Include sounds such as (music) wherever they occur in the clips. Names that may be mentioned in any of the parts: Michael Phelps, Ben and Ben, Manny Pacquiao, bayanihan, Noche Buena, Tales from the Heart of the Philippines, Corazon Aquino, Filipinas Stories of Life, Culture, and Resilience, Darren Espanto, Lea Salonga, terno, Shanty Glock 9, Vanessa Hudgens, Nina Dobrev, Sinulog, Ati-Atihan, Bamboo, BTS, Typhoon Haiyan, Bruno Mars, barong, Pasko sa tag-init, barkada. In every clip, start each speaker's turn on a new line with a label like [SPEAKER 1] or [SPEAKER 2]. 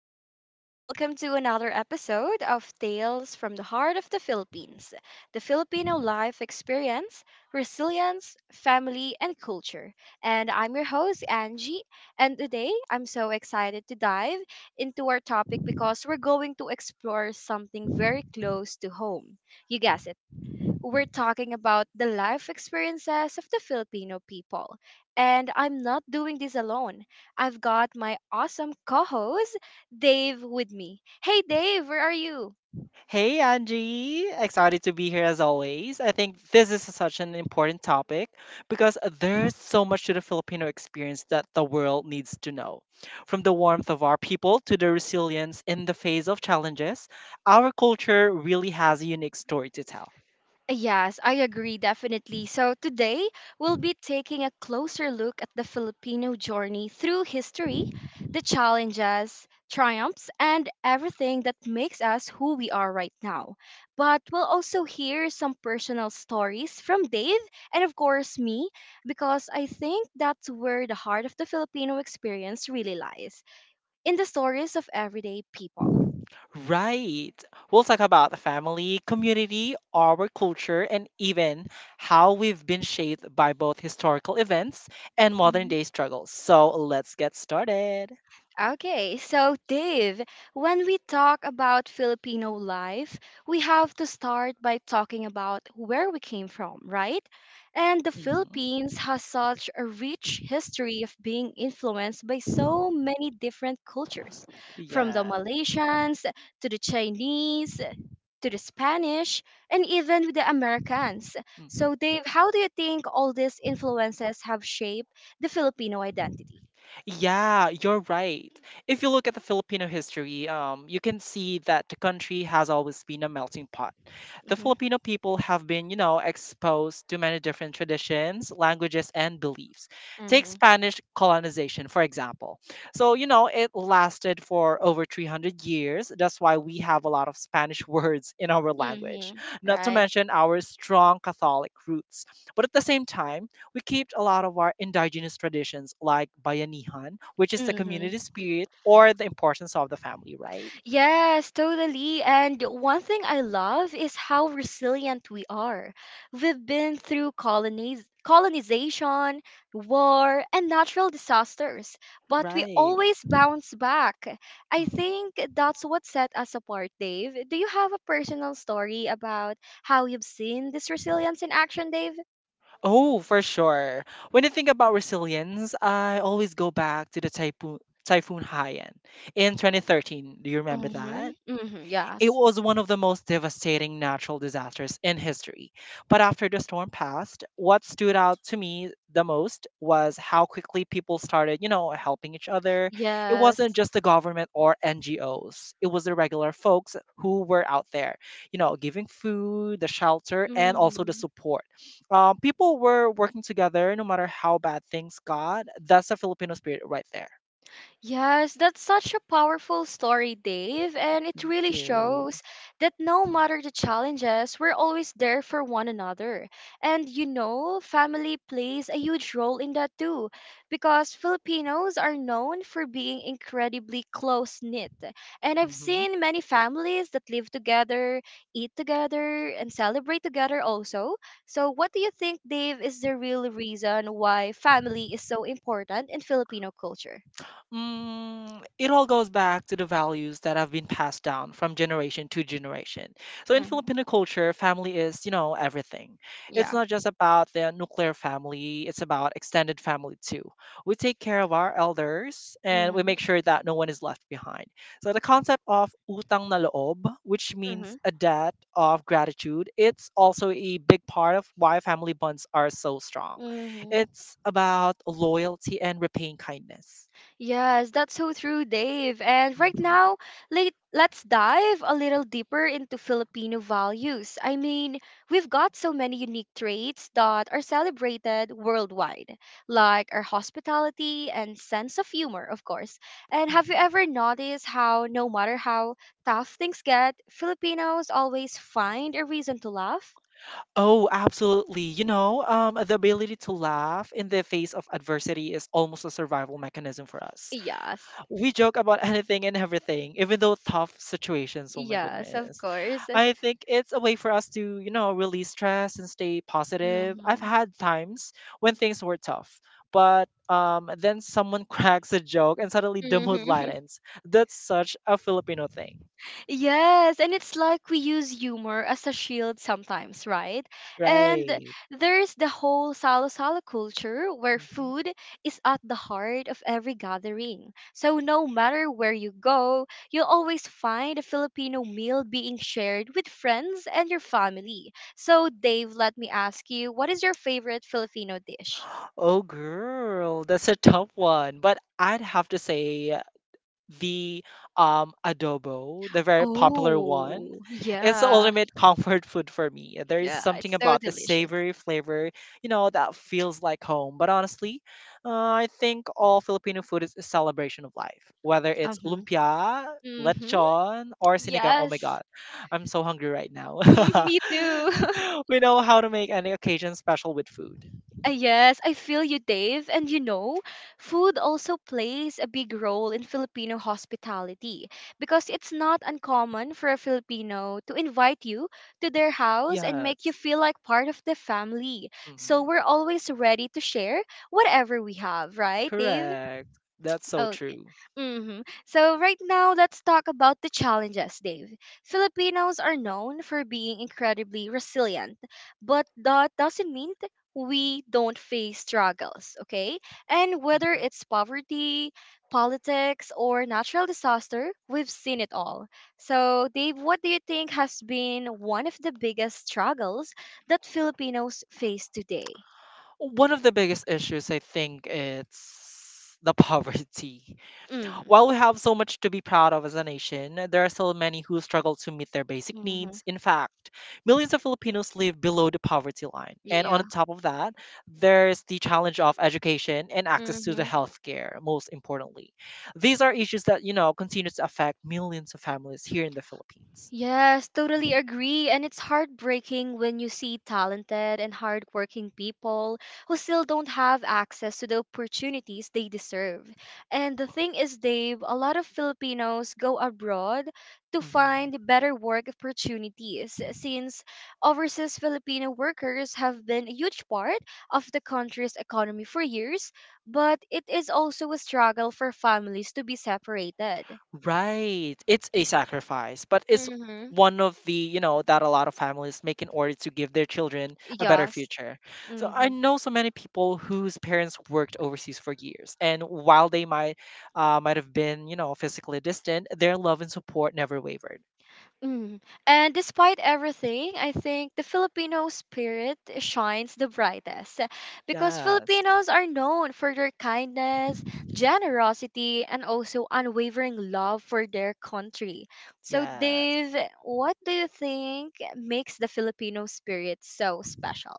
[SPEAKER 1] everyone! Welcome to another episode of Tales from the Heart of the Philippines, the Filipino life experience, resilience, family, and culture. And I'm your host, Angie. And today, I'm so excited to dive into our topic because we're going to explore something very close to home. You guess it, we're talking about the life experiences of the Filipino people. And I'm not doing this alone. I've got my awesome co host, Dave, with me. Hey, Dave, where are you?
[SPEAKER 2] Hey, Angie. Excited to be here as always. I think this is such an important topic because there's so much to the Filipino experience that the world needs to know. From the warmth of our people to the resilience in the face of challenges, our culture really has a unique story to tell.
[SPEAKER 1] Yes, I agree, definitely. So today, we'll be taking a closer look at the Filipino journey through history, the challenges, triumphs, and everything that makes us who we are right now. But we'll also hear some personal stories from Dave and, of course, me, because I think that's where the heart of the Filipino experience really lies in the stories of everyday people.
[SPEAKER 2] Right. We'll talk about the family, community, our culture, and even how we've been shaped by both historical events and modern
[SPEAKER 1] Mm-hmm.
[SPEAKER 2] day struggles. So let's get started.
[SPEAKER 1] Okay, so Dave, when we talk about Filipino life, we have to start by talking about where we came from, right? And the
[SPEAKER 2] Hmm.
[SPEAKER 1] Philippines has such a rich history of being influenced by so many different cultures, from the
[SPEAKER 2] Yeah.
[SPEAKER 1] Malaysians to the Chinese to the Spanish, and even the Americans.
[SPEAKER 2] Mm.
[SPEAKER 1] So, Dave, how do you think all these influences have shaped the Filipino identity?
[SPEAKER 2] Yeah, you're right. If you look at the Filipino history, you can see that the country has always been a melting pot. The
[SPEAKER 1] Mm-hmm.
[SPEAKER 2] Filipino people have been, exposed to many different traditions, languages, and beliefs. Take
[SPEAKER 1] Mm-hmm.
[SPEAKER 2] Spanish colonization, for example. So, you know, it lasted for over 300 years. That's why we have a lot of Spanish (laughs) words in our language,
[SPEAKER 1] Mm-hmm.
[SPEAKER 2] not to
[SPEAKER 1] Right.
[SPEAKER 2] mention our strong Catholic roots. But at the same time, we kept a lot of our indigenous traditions like bayanihan, which is the
[SPEAKER 1] Mm-hmm.
[SPEAKER 2] community spirit or the importance of the family, right?
[SPEAKER 1] Yes, totally. And one thing I love is how resilient we are. We've been through colonies, colonization, war, and natural disasters, but we
[SPEAKER 2] Right.
[SPEAKER 1] always bounce back. I
[SPEAKER 2] Mm.
[SPEAKER 1] think that's what set us apart, Dave. Do you have a personal story about how you've seen this resilience in action, Dave?
[SPEAKER 2] Oh, for sure. When I think about resilience, I always go back to the typhoon, Typhoon Haiyan, in 2013. Do you remember
[SPEAKER 1] Mm-hmm.
[SPEAKER 2] that?
[SPEAKER 1] Mm-hmm.
[SPEAKER 2] It
[SPEAKER 1] Yes.
[SPEAKER 2] was one of the most devastating natural disasters in history. But after the storm passed, what stood out to me the most was how quickly people started, helping each other. It wasn't
[SPEAKER 1] Yes.
[SPEAKER 2] just the government or NGOs, it was the regular folks who were out there, giving food, the shelter, and also the
[SPEAKER 1] Hmm.
[SPEAKER 2] support. People were working together no matter how bad things got. That's the Filipino spirit right there.
[SPEAKER 1] Yes, that's such a powerful story, Dave, and it
[SPEAKER 2] Thank
[SPEAKER 1] really
[SPEAKER 2] you.
[SPEAKER 1] shows that no matter the challenges, we're always there for one another. And you know, family plays a huge role in that too, because Filipinos are known for being incredibly close knit. And I've
[SPEAKER 2] Mhm.
[SPEAKER 1] seen many families that live together, eat together, and celebrate together also. So, what do you think, Dave, is the real reason why family is so important in Filipino culture?
[SPEAKER 2] It all goes back to the values that have been passed down from generation to generation. So in Filipino culture, family is, everything. It's
[SPEAKER 1] Yeah.
[SPEAKER 2] not just about the nuclear family, it's about extended family too. We take care of our elders and we
[SPEAKER 1] Mhm.
[SPEAKER 2] make sure that no one is left behind. So the concept of utang na loob, which means
[SPEAKER 1] Mhm.
[SPEAKER 2] a debt of gratitude, it's also a big part of why family bonds are so strong.
[SPEAKER 1] Mhm.
[SPEAKER 2] It's about loyalty and repaying kindness.
[SPEAKER 1] Yes, that's so true, Dave. And right
[SPEAKER 2] Mhm,
[SPEAKER 1] now, let's dive a little deeper into Filipino values. I mean, we've got so many unique traits that are celebrated worldwide, like our hospitality and sense of humor, of course. And have you
[SPEAKER 2] mhm.
[SPEAKER 1] ever noticed how, no matter how tough things get, Filipinos always find a reason to laugh?
[SPEAKER 2] Oh, absolutely. The ability to laugh in the face of adversity is almost a survival mechanism for us.
[SPEAKER 1] Yes,
[SPEAKER 2] We joke about (laughs) anything and everything, even though tough situations. Oh my
[SPEAKER 1] yes, of
[SPEAKER 2] goodness.
[SPEAKER 1] course.
[SPEAKER 2] I think it's a way for us to, release stress and stay positive. I've
[SPEAKER 1] Mm-hmm.
[SPEAKER 2] had times when things were tough, but then someone (laughs) cracks a joke and suddenly the mood
[SPEAKER 1] Mm-hmm.
[SPEAKER 2] lightens. That's such a Filipino thing,
[SPEAKER 1] Yes, and it's like we use humor as a shield sometimes, right? And
[SPEAKER 2] right?
[SPEAKER 1] there's the whole salo-salo culture where food is at the heart of every gathering. So no matter where you go, you'll always find a Filipino meal being shared with friends and your family. So Dave, let me ask you, what is your favorite Filipino dish?
[SPEAKER 2] Oh, girl, that's a tough one. But I'd have to say the adobo, the very popular one.
[SPEAKER 1] Oh,
[SPEAKER 2] It's the
[SPEAKER 1] yeah.
[SPEAKER 2] ultimate (laughs) comfort food for me. There is
[SPEAKER 1] Yeah,
[SPEAKER 2] something
[SPEAKER 1] it's so
[SPEAKER 2] about the
[SPEAKER 1] delicious.
[SPEAKER 2] savory flavor, that feels like home. But honestly, I think all Filipino food is a celebration of life, whether
[SPEAKER 1] Uh.
[SPEAKER 2] it's lumpia,
[SPEAKER 1] Hmm.
[SPEAKER 2] lechon, or sinigang. Oh my God,
[SPEAKER 1] Yes.
[SPEAKER 2] I'm so hungry right now.
[SPEAKER 1] Mm,
[SPEAKER 2] (laughs)
[SPEAKER 1] me too. (laughs)
[SPEAKER 2] We know how to make any occasion special with food.
[SPEAKER 1] Yes, I feel you, Dave. And you know, food also plays a big role in Filipino hospitality because it's not uncommon for a Filipino to invite you to their house and make you
[SPEAKER 2] Yes.
[SPEAKER 1] feel like part of the family.
[SPEAKER 2] Mhm.
[SPEAKER 1] So we're always ready to share whatever we have, right, Dave?
[SPEAKER 2] Correct. That's so
[SPEAKER 1] Oh.
[SPEAKER 2] true.
[SPEAKER 1] Hmm. So, right now, let's talk about the challenges, Dave. Filipinos are known for being incredibly resilient, but that doesn't mean we don't face struggles, okay? And whether
[SPEAKER 2] Mhm.
[SPEAKER 1] it's poverty, politics, or natural disaster, we've seen it all. So, Dave, what do you think has been one of the biggest struggles that Filipinos face today?
[SPEAKER 2] One of the biggest issues I think it's the (laughs) poverty.
[SPEAKER 1] Mm-hmm.
[SPEAKER 2] While we have so much to be proud of as a nation, there are still many who struggle to meet their basic
[SPEAKER 1] Mm-hmm.
[SPEAKER 2] needs. In fact, millions of Filipinos live below the poverty line. And on
[SPEAKER 1] Yeah.
[SPEAKER 2] top of that, there's the challenge of education and access to the
[SPEAKER 1] Mm-hmm.
[SPEAKER 2] healthcare, most importantly. These are issues that, continue to affect millions of families here in the Philippines.
[SPEAKER 1] Yes, totally
[SPEAKER 2] Mhm.
[SPEAKER 1] agree. And it's heartbreaking when you see talented and hardworking people who still don't have access to the opportunities they deserve. And the thing is, Dave, a lot of Filipinos go abroad to
[SPEAKER 2] Mhm.
[SPEAKER 1] find better work opportunities since overseas Filipino workers have been a huge part of the country's economy for years, but it is also a struggle for families to be separated.
[SPEAKER 2] Right. It's a sacrifice, but it's
[SPEAKER 1] Mm-hmm.
[SPEAKER 2] one of the, that a lot of families make in order to give their children a better
[SPEAKER 1] Yes.
[SPEAKER 2] future. So I
[SPEAKER 1] Mm-hmm.
[SPEAKER 2] know so many people whose parents worked overseas for years, and while they might have been, physically distant, their love and support never wavered.
[SPEAKER 1] Mm. And despite everything, I think the Filipino spirit shines the brightest because
[SPEAKER 2] Yes.
[SPEAKER 1] Filipinos are known for their kindness, generosity, and also unwavering love for their country. So, Dave,
[SPEAKER 2] Yes.
[SPEAKER 1] what do you think makes the Filipino spirit so special?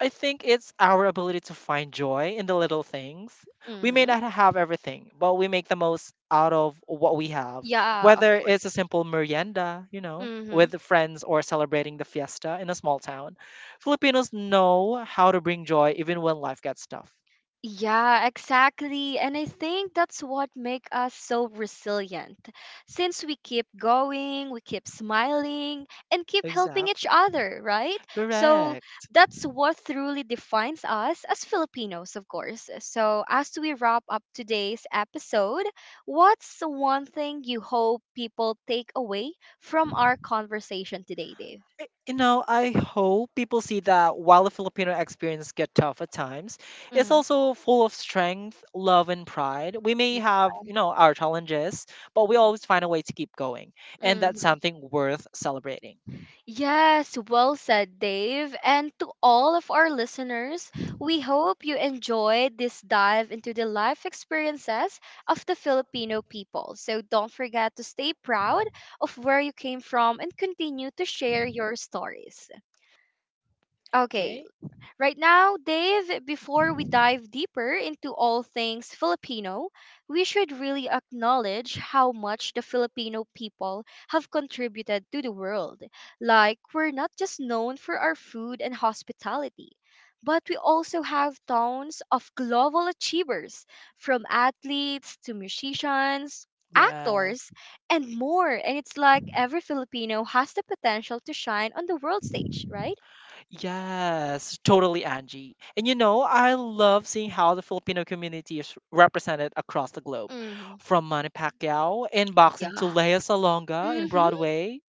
[SPEAKER 2] I think it's our ability to find joy in the little things. We may
[SPEAKER 1] Mm-hmm.
[SPEAKER 2] not have everything, but we make the most out of what we have.
[SPEAKER 1] Yeah, of
[SPEAKER 2] Whether it's
[SPEAKER 1] course.
[SPEAKER 2] a simple merienda,
[SPEAKER 1] Mm-hmm.
[SPEAKER 2] with friends or celebrating the fiesta in a small town, Filipinos know how to bring joy even when life gets tough.
[SPEAKER 1] Yeah, exactly. And I think that's what make us so resilient. Since we keep going, we keep smiling and keep helping each
[SPEAKER 2] Exactly.
[SPEAKER 1] other, right? So
[SPEAKER 2] Correct.
[SPEAKER 1] that's what truly defines us as Filipinos, of course. So as we wrap up today's episode, what's one thing you hope people take away from our conversation today, Dave?
[SPEAKER 2] I hope people see that while the Filipino experience get tough at times, it's
[SPEAKER 1] Mm-hmm.
[SPEAKER 2] also full of strength, love, and pride. We may have, our challenges, but we always find a way to keep going, and
[SPEAKER 1] Yeah.
[SPEAKER 2] that's something worth celebrating.
[SPEAKER 1] Yes, well said, Dave. And to all of our listeners, we hope you enjoyed this dive into the life experiences of the Filipino people. So don't forget to stay proud of where you came from and continue to share your stories. Okay.
[SPEAKER 2] Okay?
[SPEAKER 1] Right now, Dave, before we dive deeper into all things Filipino, we should really acknowledge how much the Filipino people have contributed to the world. Like, we're not just known for our food and hospitality, but we also have tons of global achievers, from athletes to musicians,
[SPEAKER 2] Yes.
[SPEAKER 1] actors, and more. And it's like every Filipino has the potential to shine on the world stage, right?
[SPEAKER 2] Yes, totally, Angie. And I love seeing how the Filipino community is represented across the globe,
[SPEAKER 1] Mm-hmm.
[SPEAKER 2] from Manny Pacquiao in boxing
[SPEAKER 1] Yeah.
[SPEAKER 2] to Lea Salonga in
[SPEAKER 1] Mm-hmm.
[SPEAKER 2] Broadway.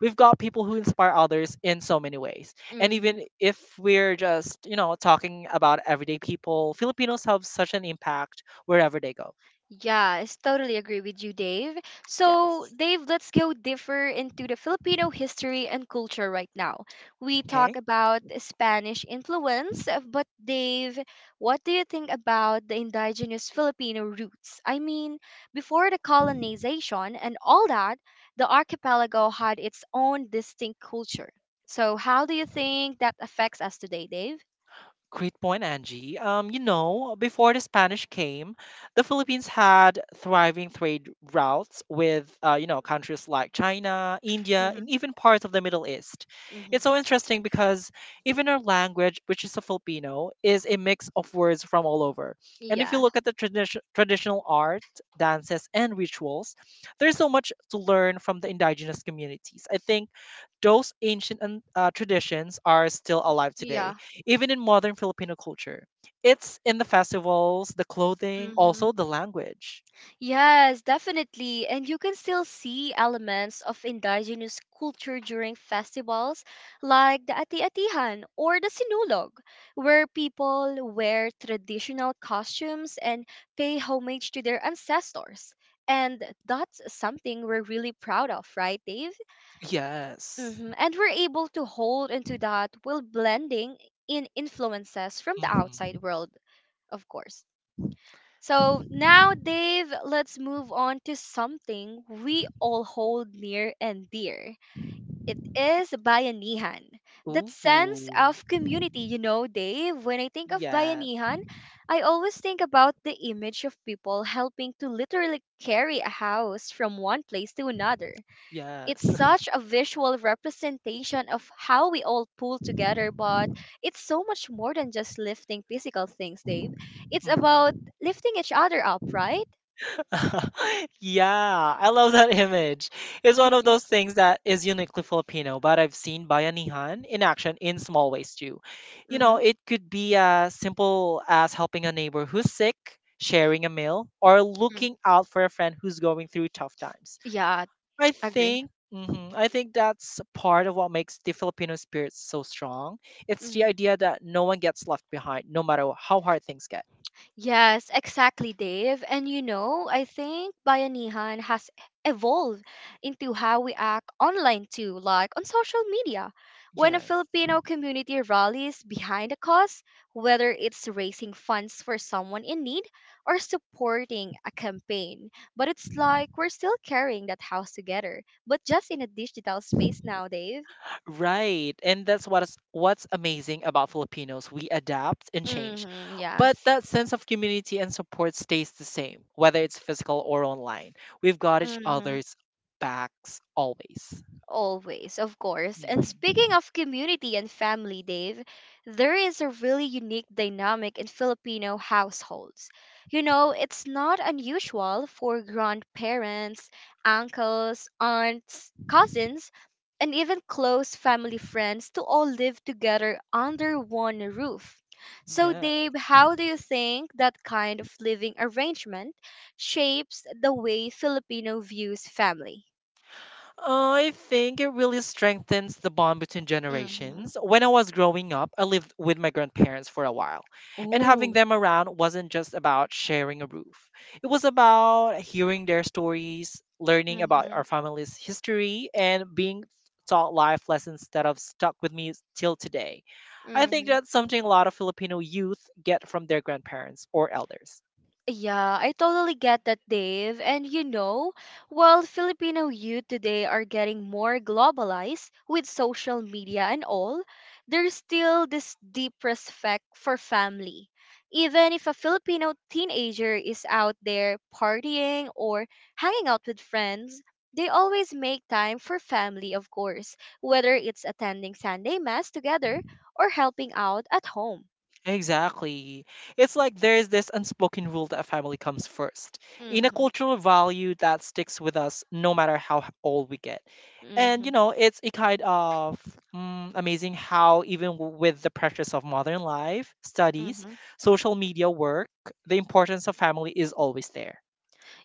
[SPEAKER 2] We've got people who inspire others in so many ways. And even if we're just, talking about everyday people, Filipinos have such an impact wherever they go.
[SPEAKER 1] Yes, totally agree with you, Dave. So,
[SPEAKER 2] Yes.
[SPEAKER 1] Dave, let's go deeper into the Filipino history and culture right now. We
[SPEAKER 2] Okay.
[SPEAKER 1] talk about Spanish influence, but Dave, what do you think about the indigenous Filipino roots? I mean, before the colonization and all that, the archipelago had its own distinct culture. So, how do you think that affects us today, Dave?
[SPEAKER 2] Great point, Angie. You know, before the Spanish came, the Philippines had thriving trade routes with, countries like China, India, and
[SPEAKER 1] Mm-hmm.
[SPEAKER 2] even parts of the Middle East.
[SPEAKER 1] Mm-hmm.
[SPEAKER 2] It's so interesting because even our language, which is a Filipino, is a mix of words from all over. And if you
[SPEAKER 1] Yeah.
[SPEAKER 2] look at the traditional art, dances, and rituals, there's so much to learn from the indigenous communities. I think those ancient and traditions are still alive today
[SPEAKER 1] Yeah.
[SPEAKER 2] even in modern Filipino culture. It's in the festivals, the clothing,
[SPEAKER 1] Mm-hmm.
[SPEAKER 2] also the language.
[SPEAKER 1] Yes, definitely. And you can still see elements of indigenous culture during festivals like the Ati-Atihan or the Sinulog, where people wear traditional costumes and pay homage to their ancestors. And that's something we're really proud of, right, Dave?
[SPEAKER 2] Yes.
[SPEAKER 1] Hmm. And we're able to hold into that while blending in influences from the outside
[SPEAKER 2] Hmm.
[SPEAKER 1] world, of course. So now, Dave, let's move on to something we all hold near and dear. It is bayanihan. That sense
[SPEAKER 2] Ooh.
[SPEAKER 1] of community, you know, Dave, when I think of
[SPEAKER 2] Yes.
[SPEAKER 1] bayanihan, I always think about the image of people helping to literally carry a house from one place to another. It's
[SPEAKER 2] Yes.
[SPEAKER 1] such a visual representation of how we all pull together, but it's so much more than just lifting physical things, Dave.
[SPEAKER 2] (laughs)
[SPEAKER 1] It's about
[SPEAKER 2] Hmm.
[SPEAKER 1] lifting each other up, right?
[SPEAKER 2] (laughs) Yeah, I love that image. It's one of
[SPEAKER 1] Mm-hmm.
[SPEAKER 2] those things that is uniquely Filipino, but I've seen bayanihan in action in small ways too. You know,
[SPEAKER 1] Mm-hmm.
[SPEAKER 2] it could be as simple as helping a neighbor who's sick, sharing a meal, or looking out for a friend who's going through tough times.
[SPEAKER 1] Yeah, agree.
[SPEAKER 2] I think that's part of what makes the Filipino spirit so strong. It's the
[SPEAKER 1] Mm-hmm.
[SPEAKER 2] idea that no one gets left behind, no matter how hard things get.
[SPEAKER 1] Yes, exactly, Dave. And you know, I think Bayanihan has evolved into how we act online too, like on social media. When a
[SPEAKER 2] Yes.
[SPEAKER 1] Filipino community rallies behind a cause, whether it's raising funds for someone in need or supporting a campaign, but it's like we're still carrying that house together, but just in a digital space now, Dave.
[SPEAKER 2] Right. And that's what's amazing about Filipinos. We adapt and change.
[SPEAKER 1] Mm-hmm,
[SPEAKER 2] But
[SPEAKER 1] yes.
[SPEAKER 2] that sense of community and support stays the same, whether it's physical or online. We've got each
[SPEAKER 1] Mm-hmm.
[SPEAKER 2] other's backs always.
[SPEAKER 1] Always, of course. And speaking
[SPEAKER 2] Mhm.
[SPEAKER 1] of community and family, Dave, there is a really unique dynamic in Filipino households. You know, it's not unusual for grandparents, uncles, aunts, cousins, and even close family friends to all live together under one roof. So, Dave,
[SPEAKER 2] Yes.
[SPEAKER 1] how do you think that kind of living arrangement shapes the way Filipino views family?
[SPEAKER 2] Oh, I think it really strengthens the bond between
[SPEAKER 1] Mm-hmm.
[SPEAKER 2] generations. When I was growing up, I lived with my grandparents for a while, and having
[SPEAKER 1] Ooh.
[SPEAKER 2] them around wasn't just about sharing a roof. It was about hearing their stories, learning about our family's history, and being taught life lessons that have stuck with me till today. I think
[SPEAKER 1] Mm-hmm.
[SPEAKER 2] that's something a lot of Filipino youth get from their grandparents or elders.
[SPEAKER 1] Yeah, I totally get that, Dave. And you know, while Filipino youth today are getting more globalized with social media and all, there's still this deep respect for family. Even if a Filipino teenager is out there partying or hanging out with friends, they always make time for family, of course, whether it's attending Sunday Mass together or helping out at home.
[SPEAKER 2] Exactly. It's like there is this unspoken rule that family comes first, in a cultural value that sticks with us no matter how old we get. And you know, it's a kind of amazing how even with the pressures of modern life, studies,
[SPEAKER 1] Hmm.
[SPEAKER 2] social media work, the importance of family is always there.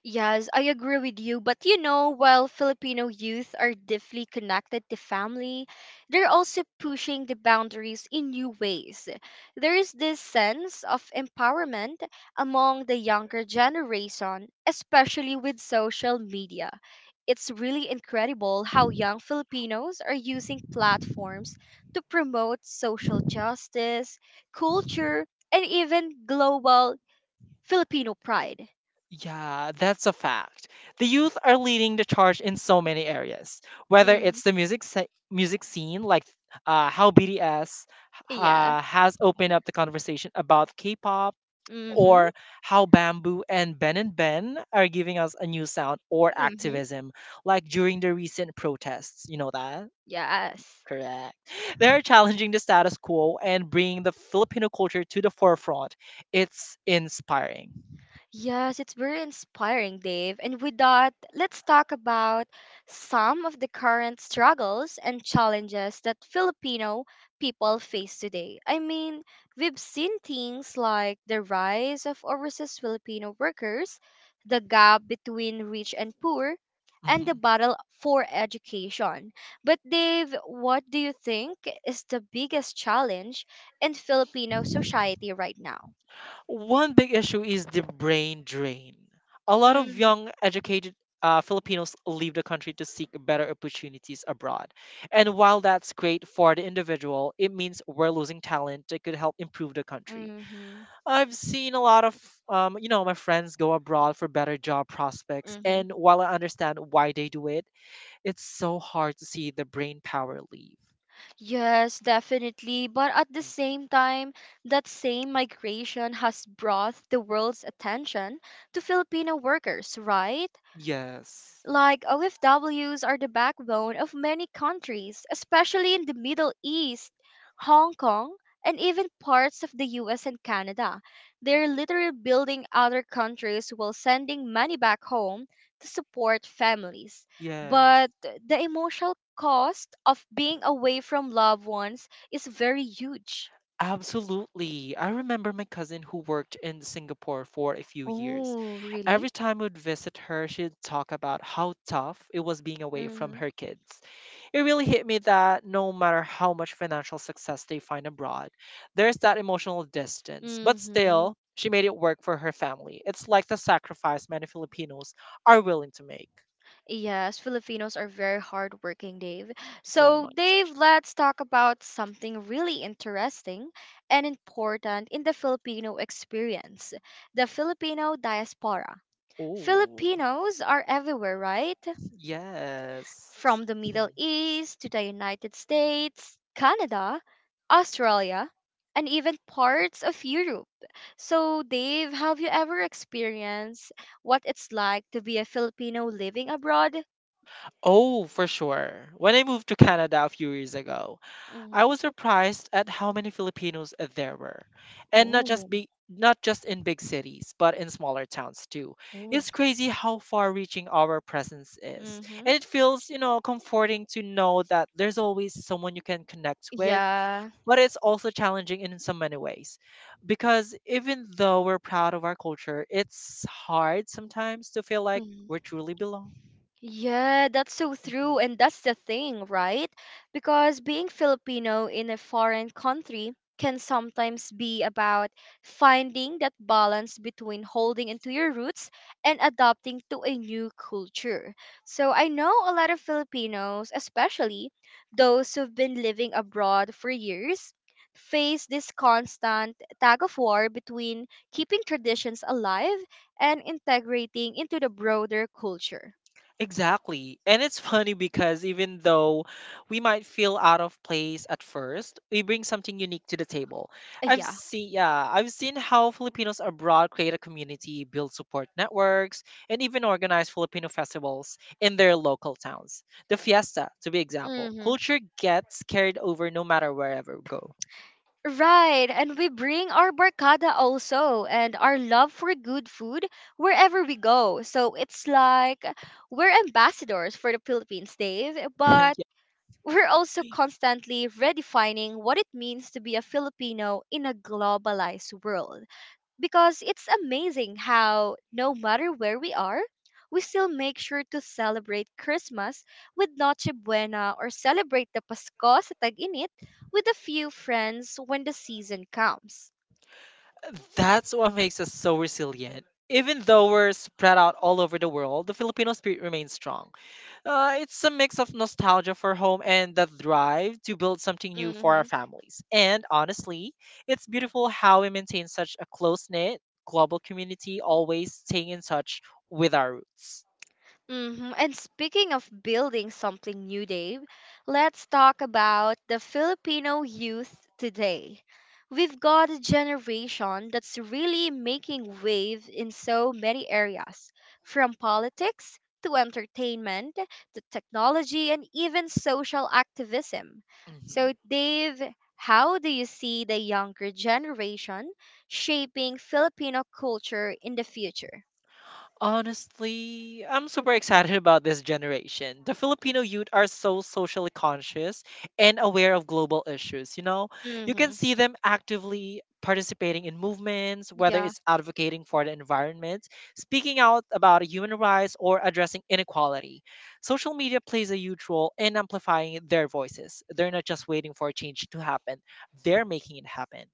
[SPEAKER 1] Yes, I agree with you. But you know, while Filipino youth are deeply connected to family, they're also pushing the boundaries in new ways. There is this sense of empowerment among the younger generation, especially with social media. It's really incredible how young Filipinos are using platforms to promote social justice, culture, and even global Filipino pride.
[SPEAKER 2] Yeah, that's a fact. The youth are leading the charge in so many areas, whether
[SPEAKER 1] Mm-hmm.
[SPEAKER 2] it's the music scene, like how BTS
[SPEAKER 1] Yeah.
[SPEAKER 2] has opened up the conversation about K-pop,
[SPEAKER 1] Mm-hmm.
[SPEAKER 2] or how Bamboo and Ben are giving us a new sound, or
[SPEAKER 1] Mm-hmm.
[SPEAKER 2] activism, like during the recent protests. You know that?
[SPEAKER 1] Yes.
[SPEAKER 2] Correct. They're challenging the status quo and bringing the Filipino culture to the forefront. It's inspiring.
[SPEAKER 1] Yes, it's very inspiring, Dave. And with that, let's talk about some of the current struggles and challenges that Filipino people face today. I mean, we've seen things like the rise of overseas Filipino workers, the gap between rich and poor, and the
[SPEAKER 2] Mhm.
[SPEAKER 1] battle for education. But, Dave, what do you think is the biggest challenge in Filipino society right now?
[SPEAKER 2] One big issue is the brain drain. A lot of
[SPEAKER 1] Mm.
[SPEAKER 2] young, educated Filipinos leave the country to seek better opportunities abroad. And while that's great for the individual, it means we're losing talent that could help improve the country.
[SPEAKER 1] Mhm.
[SPEAKER 2] I've seen a lot of, my friends go abroad for better job prospects.
[SPEAKER 1] Mhm.
[SPEAKER 2] And while I understand why they do it, it's so hard to see the brain power leave.
[SPEAKER 1] Yes, definitely. But at the same time, that same migration has brought the world's attention to Filipino workers, right?
[SPEAKER 2] Yes.
[SPEAKER 1] Like OFWs are the backbone of many countries, especially in the Middle East, Hong Kong, and even parts of the US and Canada. They're literally building other countries while sending money back home to support families.
[SPEAKER 2] Yes,
[SPEAKER 1] But the emotional cost of being away from loved ones is very huge.
[SPEAKER 2] absolutely. I remember my cousin who worked in Singapore for a few years.
[SPEAKER 1] Oh,
[SPEAKER 2] Every
[SPEAKER 1] really?
[SPEAKER 2] time we'd visit her, she'd talk about how tough it was being away from
[SPEAKER 1] Mm-hmm.
[SPEAKER 2] her kids. It really hit me that no matter how much financial success they find abroad, there's that emotional distance. But
[SPEAKER 1] Mm-hmm.
[SPEAKER 2] still, she made it work for her family. It's like the sacrifice many Filipinos are willing to make.
[SPEAKER 1] Yes, Filipinos are very hardworking, Dave.
[SPEAKER 2] So
[SPEAKER 1] So,
[SPEAKER 2] much.
[SPEAKER 1] Dave, let's talk about something really interesting and important in the Filipino experience, the Filipino diaspora.
[SPEAKER 2] Oh,
[SPEAKER 1] Filipinos are everywhere, right?
[SPEAKER 2] yes.
[SPEAKER 1] From the
[SPEAKER 2] Mhm.
[SPEAKER 1] Middle East to the United States, Canada, Australia, and even parts of Europe. So, Dave, have you ever experienced what it's like to be a Filipino living abroad?
[SPEAKER 2] Oh, for sure. When I moved to Canada a few years ago, I
[SPEAKER 1] Mm-hmm.
[SPEAKER 2] was surprised at how many Filipinos there were, and
[SPEAKER 1] Oh.
[SPEAKER 2] not just in big cities, but in smaller towns too.
[SPEAKER 1] Oh.
[SPEAKER 2] It's crazy how far-reaching our presence is,
[SPEAKER 1] Mm-hmm.
[SPEAKER 2] and it feels, comforting to know that there's always someone you can connect with.
[SPEAKER 1] Yeah.
[SPEAKER 2] But it's also challenging in so many ways, because even though we're proud of our culture, it's hard sometimes to feel like
[SPEAKER 1] Mm-hmm.
[SPEAKER 2] we truly belong.
[SPEAKER 1] Yeah, that's so true.
[SPEAKER 2] Mhm.
[SPEAKER 1] And that's the thing, right? Because being Filipino in a foreign country can sometimes be about finding that balance between holding into your roots and adapting to a new culture. So I know a lot of Filipinos, especially those who've been living abroad for years, face this constant tug of war between keeping traditions alive and integrating into the broader culture.
[SPEAKER 2] Exactly. And it's funny because even though we might feel out of place at first, we bring something unique to the table.
[SPEAKER 1] Uh, Yeah.
[SPEAKER 2] I've seen how Filipinos abroad create a community, build support networks, and even organize Filipino festivals in their local towns. The fiesta, to be example.
[SPEAKER 1] hmm
[SPEAKER 2] Culture gets carried over no matter wherever we go.
[SPEAKER 1] Right. And we bring our barkada also and our love for good food wherever we go. So it's like we're ambassadors for the Philippines, Dave,
[SPEAKER 2] (laughs)
[SPEAKER 1] but
[SPEAKER 2] Yeah.
[SPEAKER 1] we're also constantly redefining what it means to be a Filipino in a globalized world, because it's amazing how, no matter where we are, we still make sure to celebrate Christmas with Noche Buena or celebrate the Pasko sa tag-init with a few friends when the season comes.
[SPEAKER 2] That's what makes us so resilient. Even though we're spread out all over the world, the Filipino spirit remains strong. It's a mix of nostalgia for home and the drive to build something new for our families. And honestly, it's beautiful how we maintain such a close knit global community, always staying in touch with our roots.
[SPEAKER 1] And speaking of building something new, Dave, let's talk about the Filipino youth today. We've got a generation that's really making waves in so many areas, from politics to entertainment to technology and even social activism.
[SPEAKER 2] Mhm.
[SPEAKER 1] So, Dave, how do you see the younger generation shaping Filipino culture in the future?
[SPEAKER 2] Honestly, I'm super excited about this generation. The Filipino youth are so socially conscious and aware of global issues. You can
[SPEAKER 1] Mm-hmm.
[SPEAKER 2] see them actively participating in movements, whether
[SPEAKER 1] Yeah,
[SPEAKER 2] it's advocating for the environment, speaking out about human rights, or addressing inequality. Social media plays a huge role in amplifying their voices. They're not just waiting for change to happen, they're making it happen.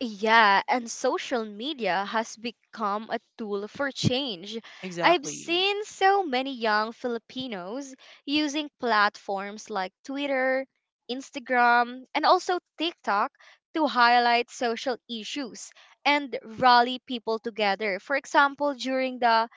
[SPEAKER 1] Yeah, and social media has become a tool for change. I've
[SPEAKER 2] Exactly.
[SPEAKER 1] seen so many young Filipinos using platforms like Twitter, Instagram, and also TikTok to highlight social issues and rally people together. For example, during the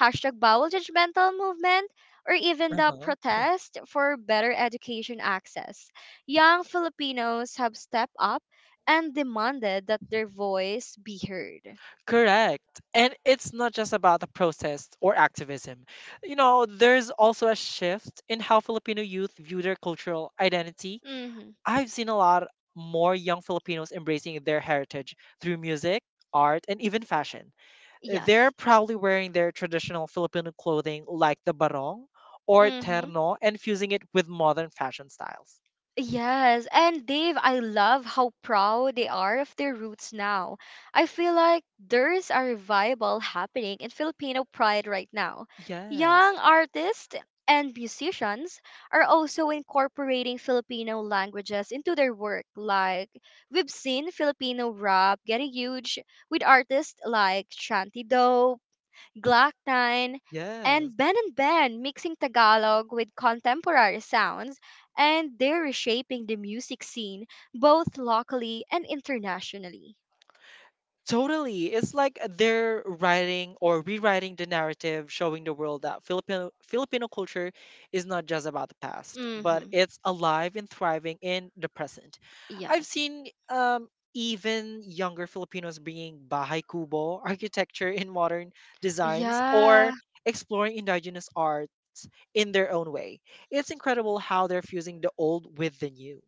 [SPEAKER 1] hashtag bowel judgmental movement or even
[SPEAKER 2] Uh
[SPEAKER 1] the
[SPEAKER 2] huh.
[SPEAKER 1] protest for better education access. Young Filipinos have stepped up and demanded that their voice be heard.
[SPEAKER 2] Correct. And it's not just about the protest or activism. There's also a shift in how Filipino youth view their cultural identity.
[SPEAKER 1] Hmm.
[SPEAKER 2] I've seen a lot more young Filipinos embracing their heritage through music, art, and even fashion. They're
[SPEAKER 1] Yes.
[SPEAKER 2] proudly wearing their traditional Filipino clothing like the barong or
[SPEAKER 1] Mm-hmm.
[SPEAKER 2] terno and fusing it with modern fashion styles.
[SPEAKER 1] Yes, and Dave, I love how proud they are of their roots now. I feel like there's a revival happening in Filipino pride right now.
[SPEAKER 2] Yes.
[SPEAKER 1] Young artists and musicians are also incorporating Filipino languages into their work. Like, we've seen Filipino rap getting huge with artists like Shanty Glock 9,
[SPEAKER 2] Yes.
[SPEAKER 1] and Ben mixing Tagalog with contemporary sounds, and they're reshaping the music scene both locally and internationally.
[SPEAKER 2] Totally. It's like they're writing or rewriting the narrative, showing the world that Filipino culture is not just about the past,
[SPEAKER 1] Mm-hmm.
[SPEAKER 2] but it's alive and thriving in the present. I've
[SPEAKER 1] Yes.
[SPEAKER 2] seen even younger Filipinos bringing Bahay Kubo architecture in modern designs or
[SPEAKER 1] Yeah.
[SPEAKER 2] exploring indigenous arts in their own way. It's incredible how they're fusing the old with the new.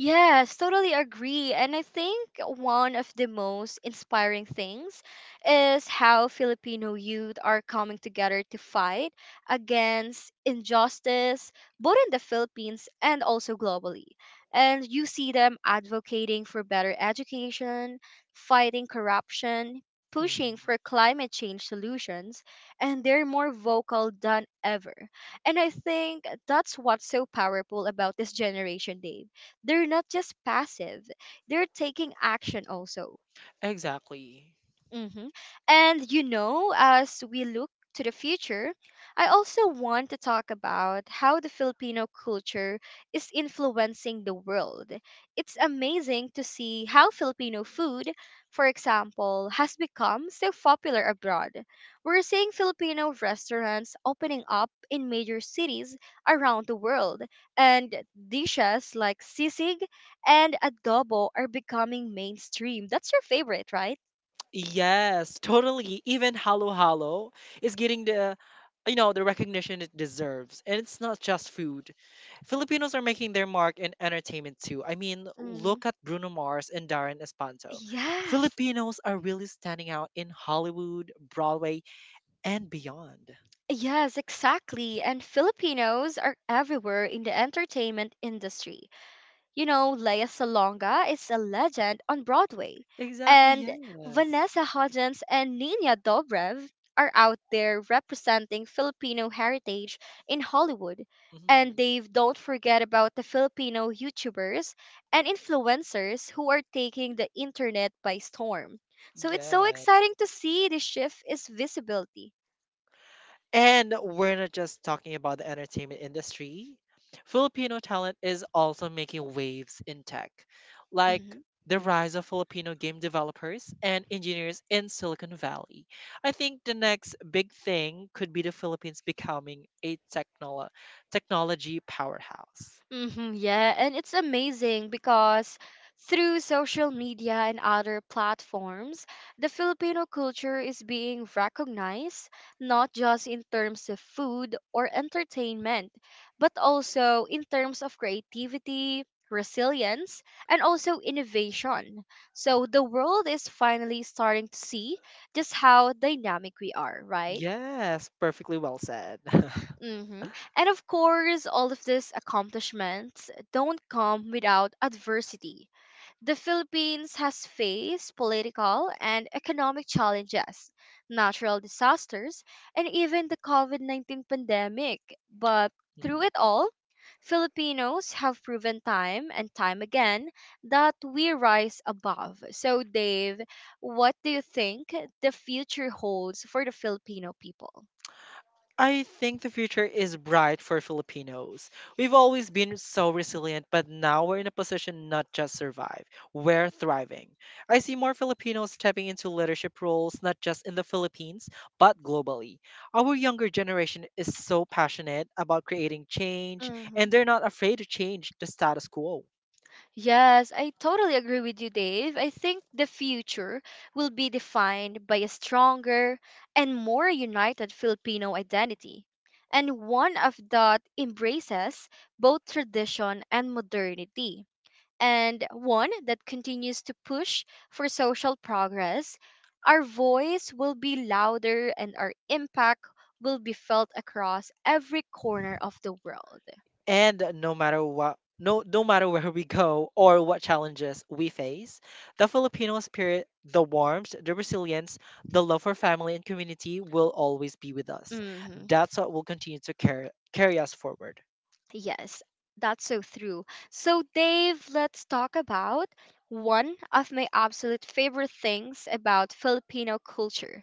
[SPEAKER 1] Yes, totally agree. And I think one of the most inspiring things is how Filipino youth are coming together to fight against injustice, both in the Philippines and also globally. And you see them advocating for better education, fighting corruption, pushing for
[SPEAKER 2] Mhm.
[SPEAKER 1] climate change solutions, and they're more vocal than ever. And I think that's what's so powerful about this generation, Dave, they're not just passive, they're taking action also.
[SPEAKER 2] Exactly.
[SPEAKER 1] Mm-hmm. And you know, as we look to the future, I also want to talk about how the Filipino culture is influencing the world. It's amazing to see how Filipino food, for example, has become so popular abroad. We're seeing Filipino restaurants opening up in major cities around the world, and dishes like sisig and adobo are becoming mainstream. That's your favorite, right?
[SPEAKER 2] Yes, totally. Even Halo Halo is getting the you know the recognition it deserves. And it's not just food. Filipinos are making their mark in entertainment too. I mean,
[SPEAKER 1] hmm
[SPEAKER 2] look at Bruno Mars and Darren Espanto.
[SPEAKER 1] Yes.
[SPEAKER 2] Filipinos are really standing out in Hollywood, Broadway, and beyond.
[SPEAKER 1] Yes, exactly. And Filipinos are everywhere in the entertainment industry. You know, Lea Salonga is a legend on Broadway,
[SPEAKER 2] Exactly,
[SPEAKER 1] and
[SPEAKER 2] yes.
[SPEAKER 1] Vanessa Hudgens and Nina Dobrev are out there representing Filipino heritage in Hollywood. And Dave, don't forget about the Filipino YouTubers and influencers who are taking the internet by storm. So it's so
[SPEAKER 2] Mhm.
[SPEAKER 1] exciting to see the shift is visibility.
[SPEAKER 2] And we're not just talking about the entertainment industry. Filipino talent is also making waves in tech, like
[SPEAKER 1] Mm-hmm.
[SPEAKER 2] the rise of Filipino game developers and engineers in Silicon Valley. I think the next big thing could be the Philippines becoming a technology powerhouse.
[SPEAKER 1] Yeah, and it's amazing because through social media and other platforms, the Filipino culture is being recognized not just in terms of food or entertainment, but also in terms of creativity, resilience, and also innovation. So the world is finally starting to see just how dynamic we are, right?
[SPEAKER 2] Yes, perfectly well said. (laughs)
[SPEAKER 1] hmm And of course, all of these accomplishments don't come without adversity. The Philippines has faced political and economic challenges, natural disasters, and even the COVID 19 pandemic. But through
[SPEAKER 2] Mhm.
[SPEAKER 1] it all, Filipinos have proven time and time again that we rise above. So, Dave, what do you think the future holds for the Filipino people?
[SPEAKER 2] I think the future is bright for Filipinos. We've always been so resilient, but now we're in a position not just survive, we're thriving. I see more Filipinos stepping into leadership roles, not just in the Philippines, but globally. Our younger generation is so passionate about creating change,
[SPEAKER 1] hmm
[SPEAKER 2] and they're not afraid to change the status quo.
[SPEAKER 1] Yes, I totally agree with you, Dave. I think the future will be defined by a stronger and more united Filipino identity, and one of that embraces both tradition and modernity and one that continues to push for social progress, our voice will be louder and our impact will be felt across every corner of the world.
[SPEAKER 2] And no matter what, no matter where we go or what challenges we face, the Filipino spirit, the warmth, the resilience, the love for family and community will always be with us.
[SPEAKER 1] Mhm.
[SPEAKER 2] That's what will continue to carry us forward.
[SPEAKER 1] Yes, that's so true. So, Dave, let's talk about one of my absolute favorite things about Filipino culture,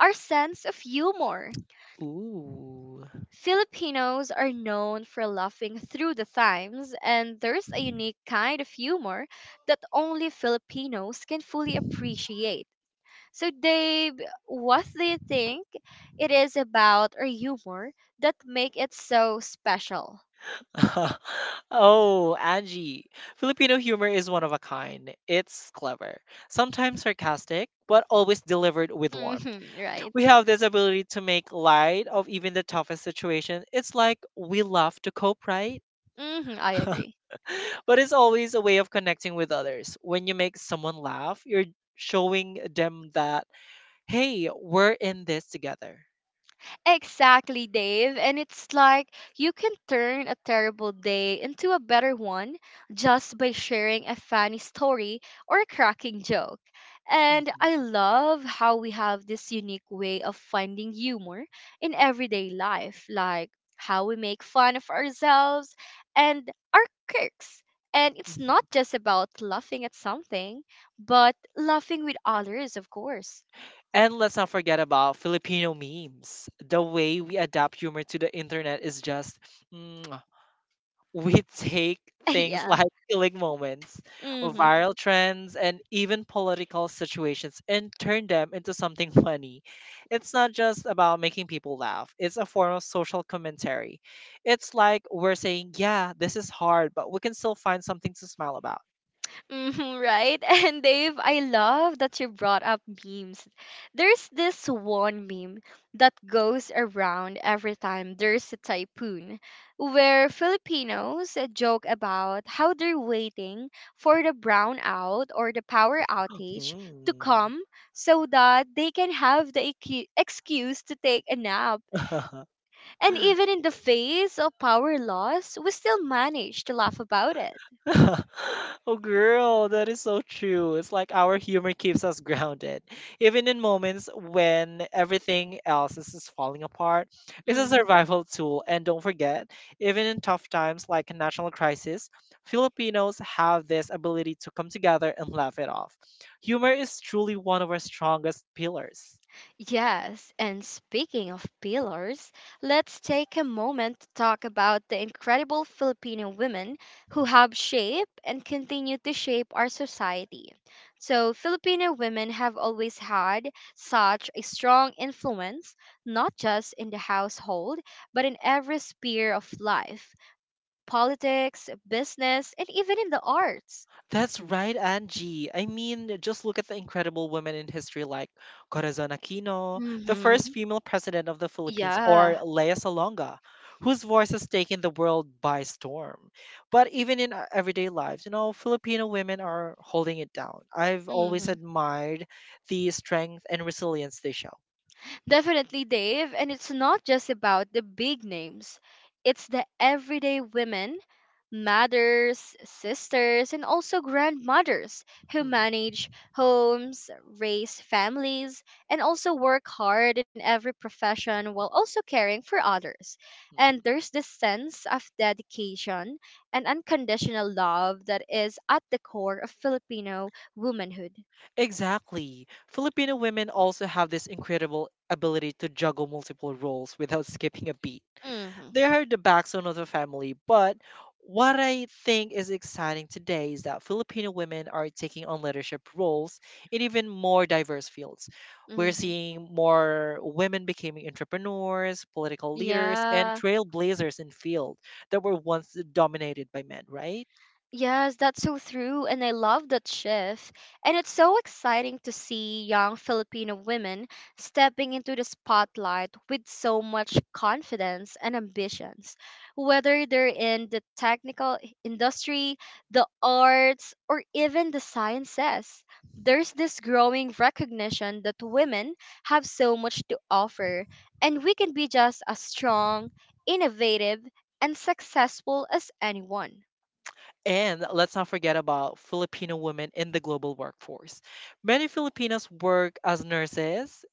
[SPEAKER 1] our sense of humor.
[SPEAKER 2] Ooh.
[SPEAKER 1] Filipinos are known for laughing through the times, and there's a unique kind of humor that only Filipinos can fully appreciate. So, Dave, what do you think it is about our humor that make it so special?
[SPEAKER 2] (laughs) Oh, Angie. Filipino humor is one of a kind. It's clever, sometimes sarcastic, but always delivered
[SPEAKER 1] (laughs)
[SPEAKER 2] with warmth.
[SPEAKER 1] Right.
[SPEAKER 2] We have this ability to make light of even the toughest situation. It's like we love to cope, right?
[SPEAKER 1] I
[SPEAKER 2] (laughs)
[SPEAKER 1] agree.
[SPEAKER 2] But it's always a way of connecting with others. When you make someone laugh, you're showing them that, hey, we're in this together.
[SPEAKER 1] Exactly, Dave. And it's like you can turn a terrible day into a better one just by sharing a funny story or a cracking joke. And
[SPEAKER 2] Mhm,
[SPEAKER 1] I love how we have this unique way of finding humor in everyday life, like how we make fun of ourselves and our quirks. And it's not
[SPEAKER 2] mhm.
[SPEAKER 1] just about laughing at something, but laughing with others, of course.
[SPEAKER 2] And let's not forget about Filipino memes. The way we adapt humor to the internet is just mwah. (tsk) We take
[SPEAKER 1] (laughs)
[SPEAKER 2] things (laughs)
[SPEAKER 1] Yeah.
[SPEAKER 2] like killing moments,
[SPEAKER 1] Mm-hmm.
[SPEAKER 2] viral trends, and even political situations and turn them into something (laughs) funny. It's not just about making people laugh, it's a form of social commentary. It's like we're saying, yeah, this is hard, but we can still find something to smile about.
[SPEAKER 1] Right? (laughs) And Dave, I love that you brought up memes. There's this one meme that goes around every time there's a typhoon, where Filipinos joke about how they're waiting for the brownout or the power outage to
[SPEAKER 2] (laughs)
[SPEAKER 1] come so that they can have the excuse to take a nap. And
[SPEAKER 2] Hmm. (laughs)
[SPEAKER 1] even in the face of power loss, we still manage to laugh about it.
[SPEAKER 2] (laughs) Oh, girl, that is so true. It's like our humor keeps us (laughs) grounded. Even in moments when everything else is just falling apart, it's a
[SPEAKER 1] Mm-hmm.
[SPEAKER 2] survival tool. And don't forget, even in tough times like a national crisis, Filipinos have this ability to come together and laugh it off. Humor is truly one of our strongest pillars.
[SPEAKER 1] Yes, and speaking of pillars, let's take a moment to talk about the incredible Filipino women who have shaped and continue to shape our society. So, Filipino women have always had such a strong influence, not just in the household, but in every sphere of life, politics, business, and even in the arts.
[SPEAKER 2] That's right, Angie. I mean, just look at the incredible women in history like Corazon Aquino, the
[SPEAKER 1] Mm-hmm.
[SPEAKER 2] first female president of the Philippines,
[SPEAKER 1] Yeah.
[SPEAKER 2] or Lea Salonga, whose voice has taken the world by storm. But even in our everyday lives, you know, Filipino women are holding it down. I've always
[SPEAKER 1] Mm-hmm.
[SPEAKER 2] admired the strength and resilience they show.
[SPEAKER 1] Definitely, Dave. And it's not just about the big names, it's the everyday women, mothers, sisters, and also grandmothers who
[SPEAKER 2] Mm,
[SPEAKER 1] manage homes, raise families, and also work hard in every profession while also caring for others. And
[SPEAKER 2] mm.
[SPEAKER 1] there's this sense of dedication and unconditional love that is at the core of Filipino womanhood.
[SPEAKER 2] Exactly. Filipino women also have this incredible ability to juggle multiple roles without skipping a beat.
[SPEAKER 1] hmm
[SPEAKER 2] They are the backbone of the family, but what I think is exciting today is that Filipino women are taking on leadership roles in even more diverse fields. We're
[SPEAKER 1] hmm
[SPEAKER 2] seeing more women becoming entrepreneurs, political leaders, and
[SPEAKER 1] Yeah.
[SPEAKER 2] trailblazers in fields that were once dominated by men, right?
[SPEAKER 1] Yes, that's so true, and I love that shift. And it's so exciting to see young Filipino women stepping into the spotlight with so much confidence and ambitions. Whether they're in the technical industry, the arts, or even the sciences, there's this growing recognition that women have so much to offer, and we can be just as strong, innovative, and successful as anyone.
[SPEAKER 2] And let's not forget about Filipino women in the global workforce. Many Filipinas work as nurses,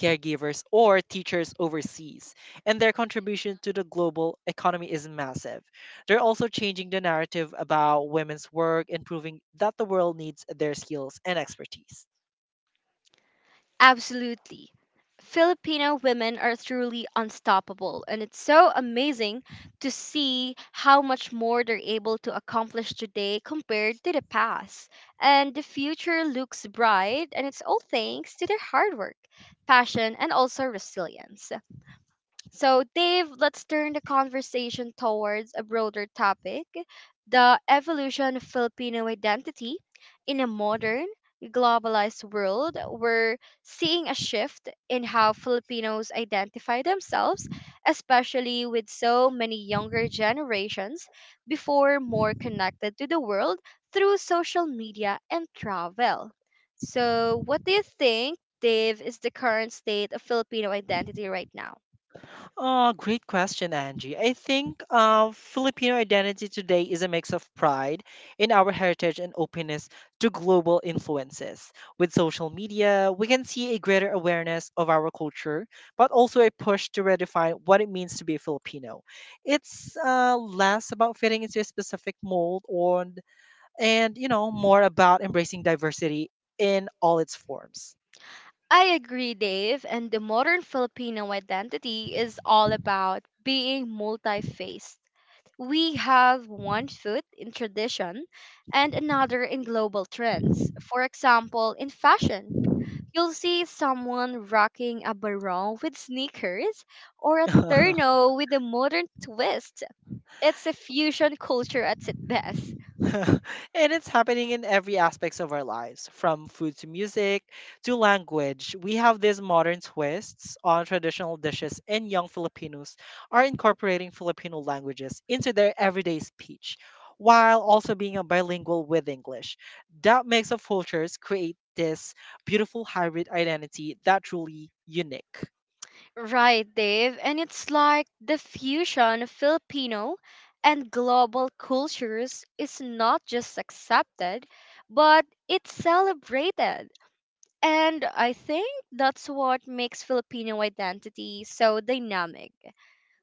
[SPEAKER 2] caregivers, or teachers overseas, and their contribution to the global economy is massive. They're also changing the narrative about women's work and proving that the world needs their skills and expertise.
[SPEAKER 1] Absolutely. Filipino women are truly unstoppable, and it's so amazing to see how much more they're able to accomplish today compared to the past. And the future looks bright, and it's all thanks to their hard work, passion, and also resilience. So, Dave, let's turn the conversation towards a broader topic, the evolution of Filipino identity in a modern, globalized world. We're seeing a shift in how Filipinos identify themselves, especially with so many younger generations before more connected to the world through social media and travel. So, what do you think, Dave, is the current state of Filipino identity right now?
[SPEAKER 2] Great question, Angie. I think Filipino identity today is a mix of pride in our heritage and openness to global influences. With social media, we can see a greater awareness of our culture, but also a push to redefine what it means to be a Filipino. It's less about fitting into a specific mold or, you know, more about embracing diversity in all its forms.
[SPEAKER 1] I agree, Dave. And the modern Filipino identity is all about being multi faced. We have one foot in tradition and another in global trends. For example, in fashion, you'll see someone rocking a barong with sneakers or a
[SPEAKER 2] (laughs)
[SPEAKER 1] terno with a modern twist. It's a fusion culture at its best.
[SPEAKER 2] (laughs) And it's happening in every aspects of our lives, from food to music to language. We have these modern twists on traditional dishes, and young Filipinos are incorporating Filipino languages into their everyday speech while also being a bilingual with English. That makes of cultures create this beautiful hybrid identity that truly unique.
[SPEAKER 1] Right, Dave. And it's like the fusion of Filipino and global cultures is not just accepted, but it's celebrated. And I think that's what makes Filipino identity so dynamic.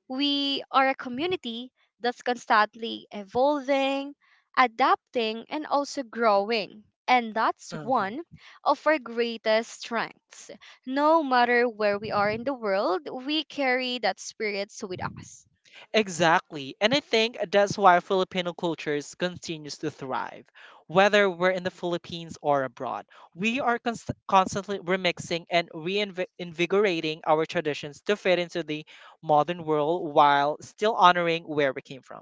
[SPEAKER 1] We are a community that's constantly evolving, adapting, and also growing. And that's
[SPEAKER 2] Mhm.
[SPEAKER 1] one of our greatest strengths. No matter where we are in the world, we carry that spirit with us.
[SPEAKER 2] Exactly. And I think that's why Filipino cultures continues to thrive. Whether we're in the Philippines or abroad, we are constantly remixing and reinvigorating our traditions to fit into the modern world while still honoring where we came from.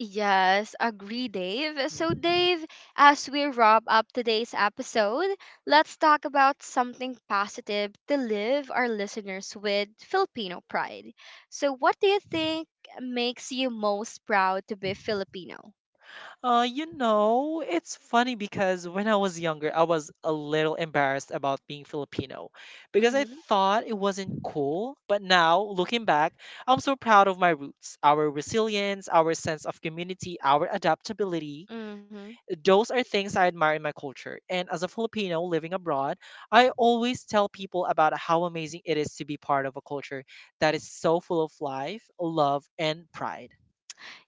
[SPEAKER 1] Yes, agree, Dave. So,
[SPEAKER 2] Mhm.
[SPEAKER 1] Dave, as we wrap up today's episode, let's talk about something positive to live our listeners with Filipino pride. So, what do you think makes you most proud to be Filipino?
[SPEAKER 2] You know, it's funny because when I was younger, I was a little embarrassed about being Filipino because I
[SPEAKER 1] Mm-hmm.
[SPEAKER 2] thought it wasn't cool. But now, looking back, I'm so proud of my roots, our resilience, our sense of community, our adaptability.
[SPEAKER 1] Mm-hmm.
[SPEAKER 2] Those are things I admire in my culture. And as a Filipino living abroad, I always tell people about how amazing it is to be part of a culture that is so full of life, love, and pride.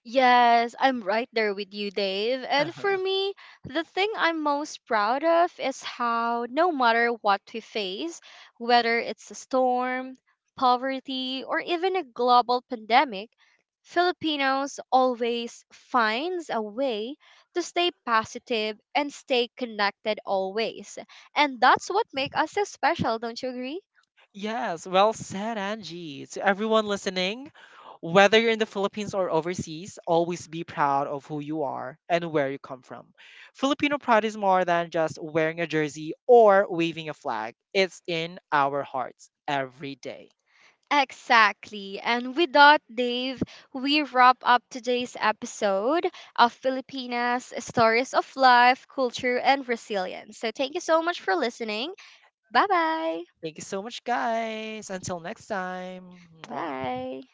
[SPEAKER 1] Yes, I'm right there with you, Dave. And for
[SPEAKER 2] Uh-huh.
[SPEAKER 1] me, the thing I'm most proud of is how no matter what we face, whether it's a storm, poverty, or even a global pandemic, Filipinos always finds a way to stay positive and stay connected always. And that's what makes us so special, don't you agree?
[SPEAKER 2] Yes, well said, Angie. To everyone listening, whether you're in the Philippines or overseas, always be proud of who you are and where you come from. Filipino pride is more than just wearing a jersey or waving a flag, it's in our hearts every day.
[SPEAKER 1] Exactly. And with that, Dave, we wrap up today's episode of Filipinas Stories of Life, Culture, and Resilience. So thank you so much for listening. Bye bye.
[SPEAKER 2] Thank you so much, guys. Until next time. Mwah.
[SPEAKER 1] Bye.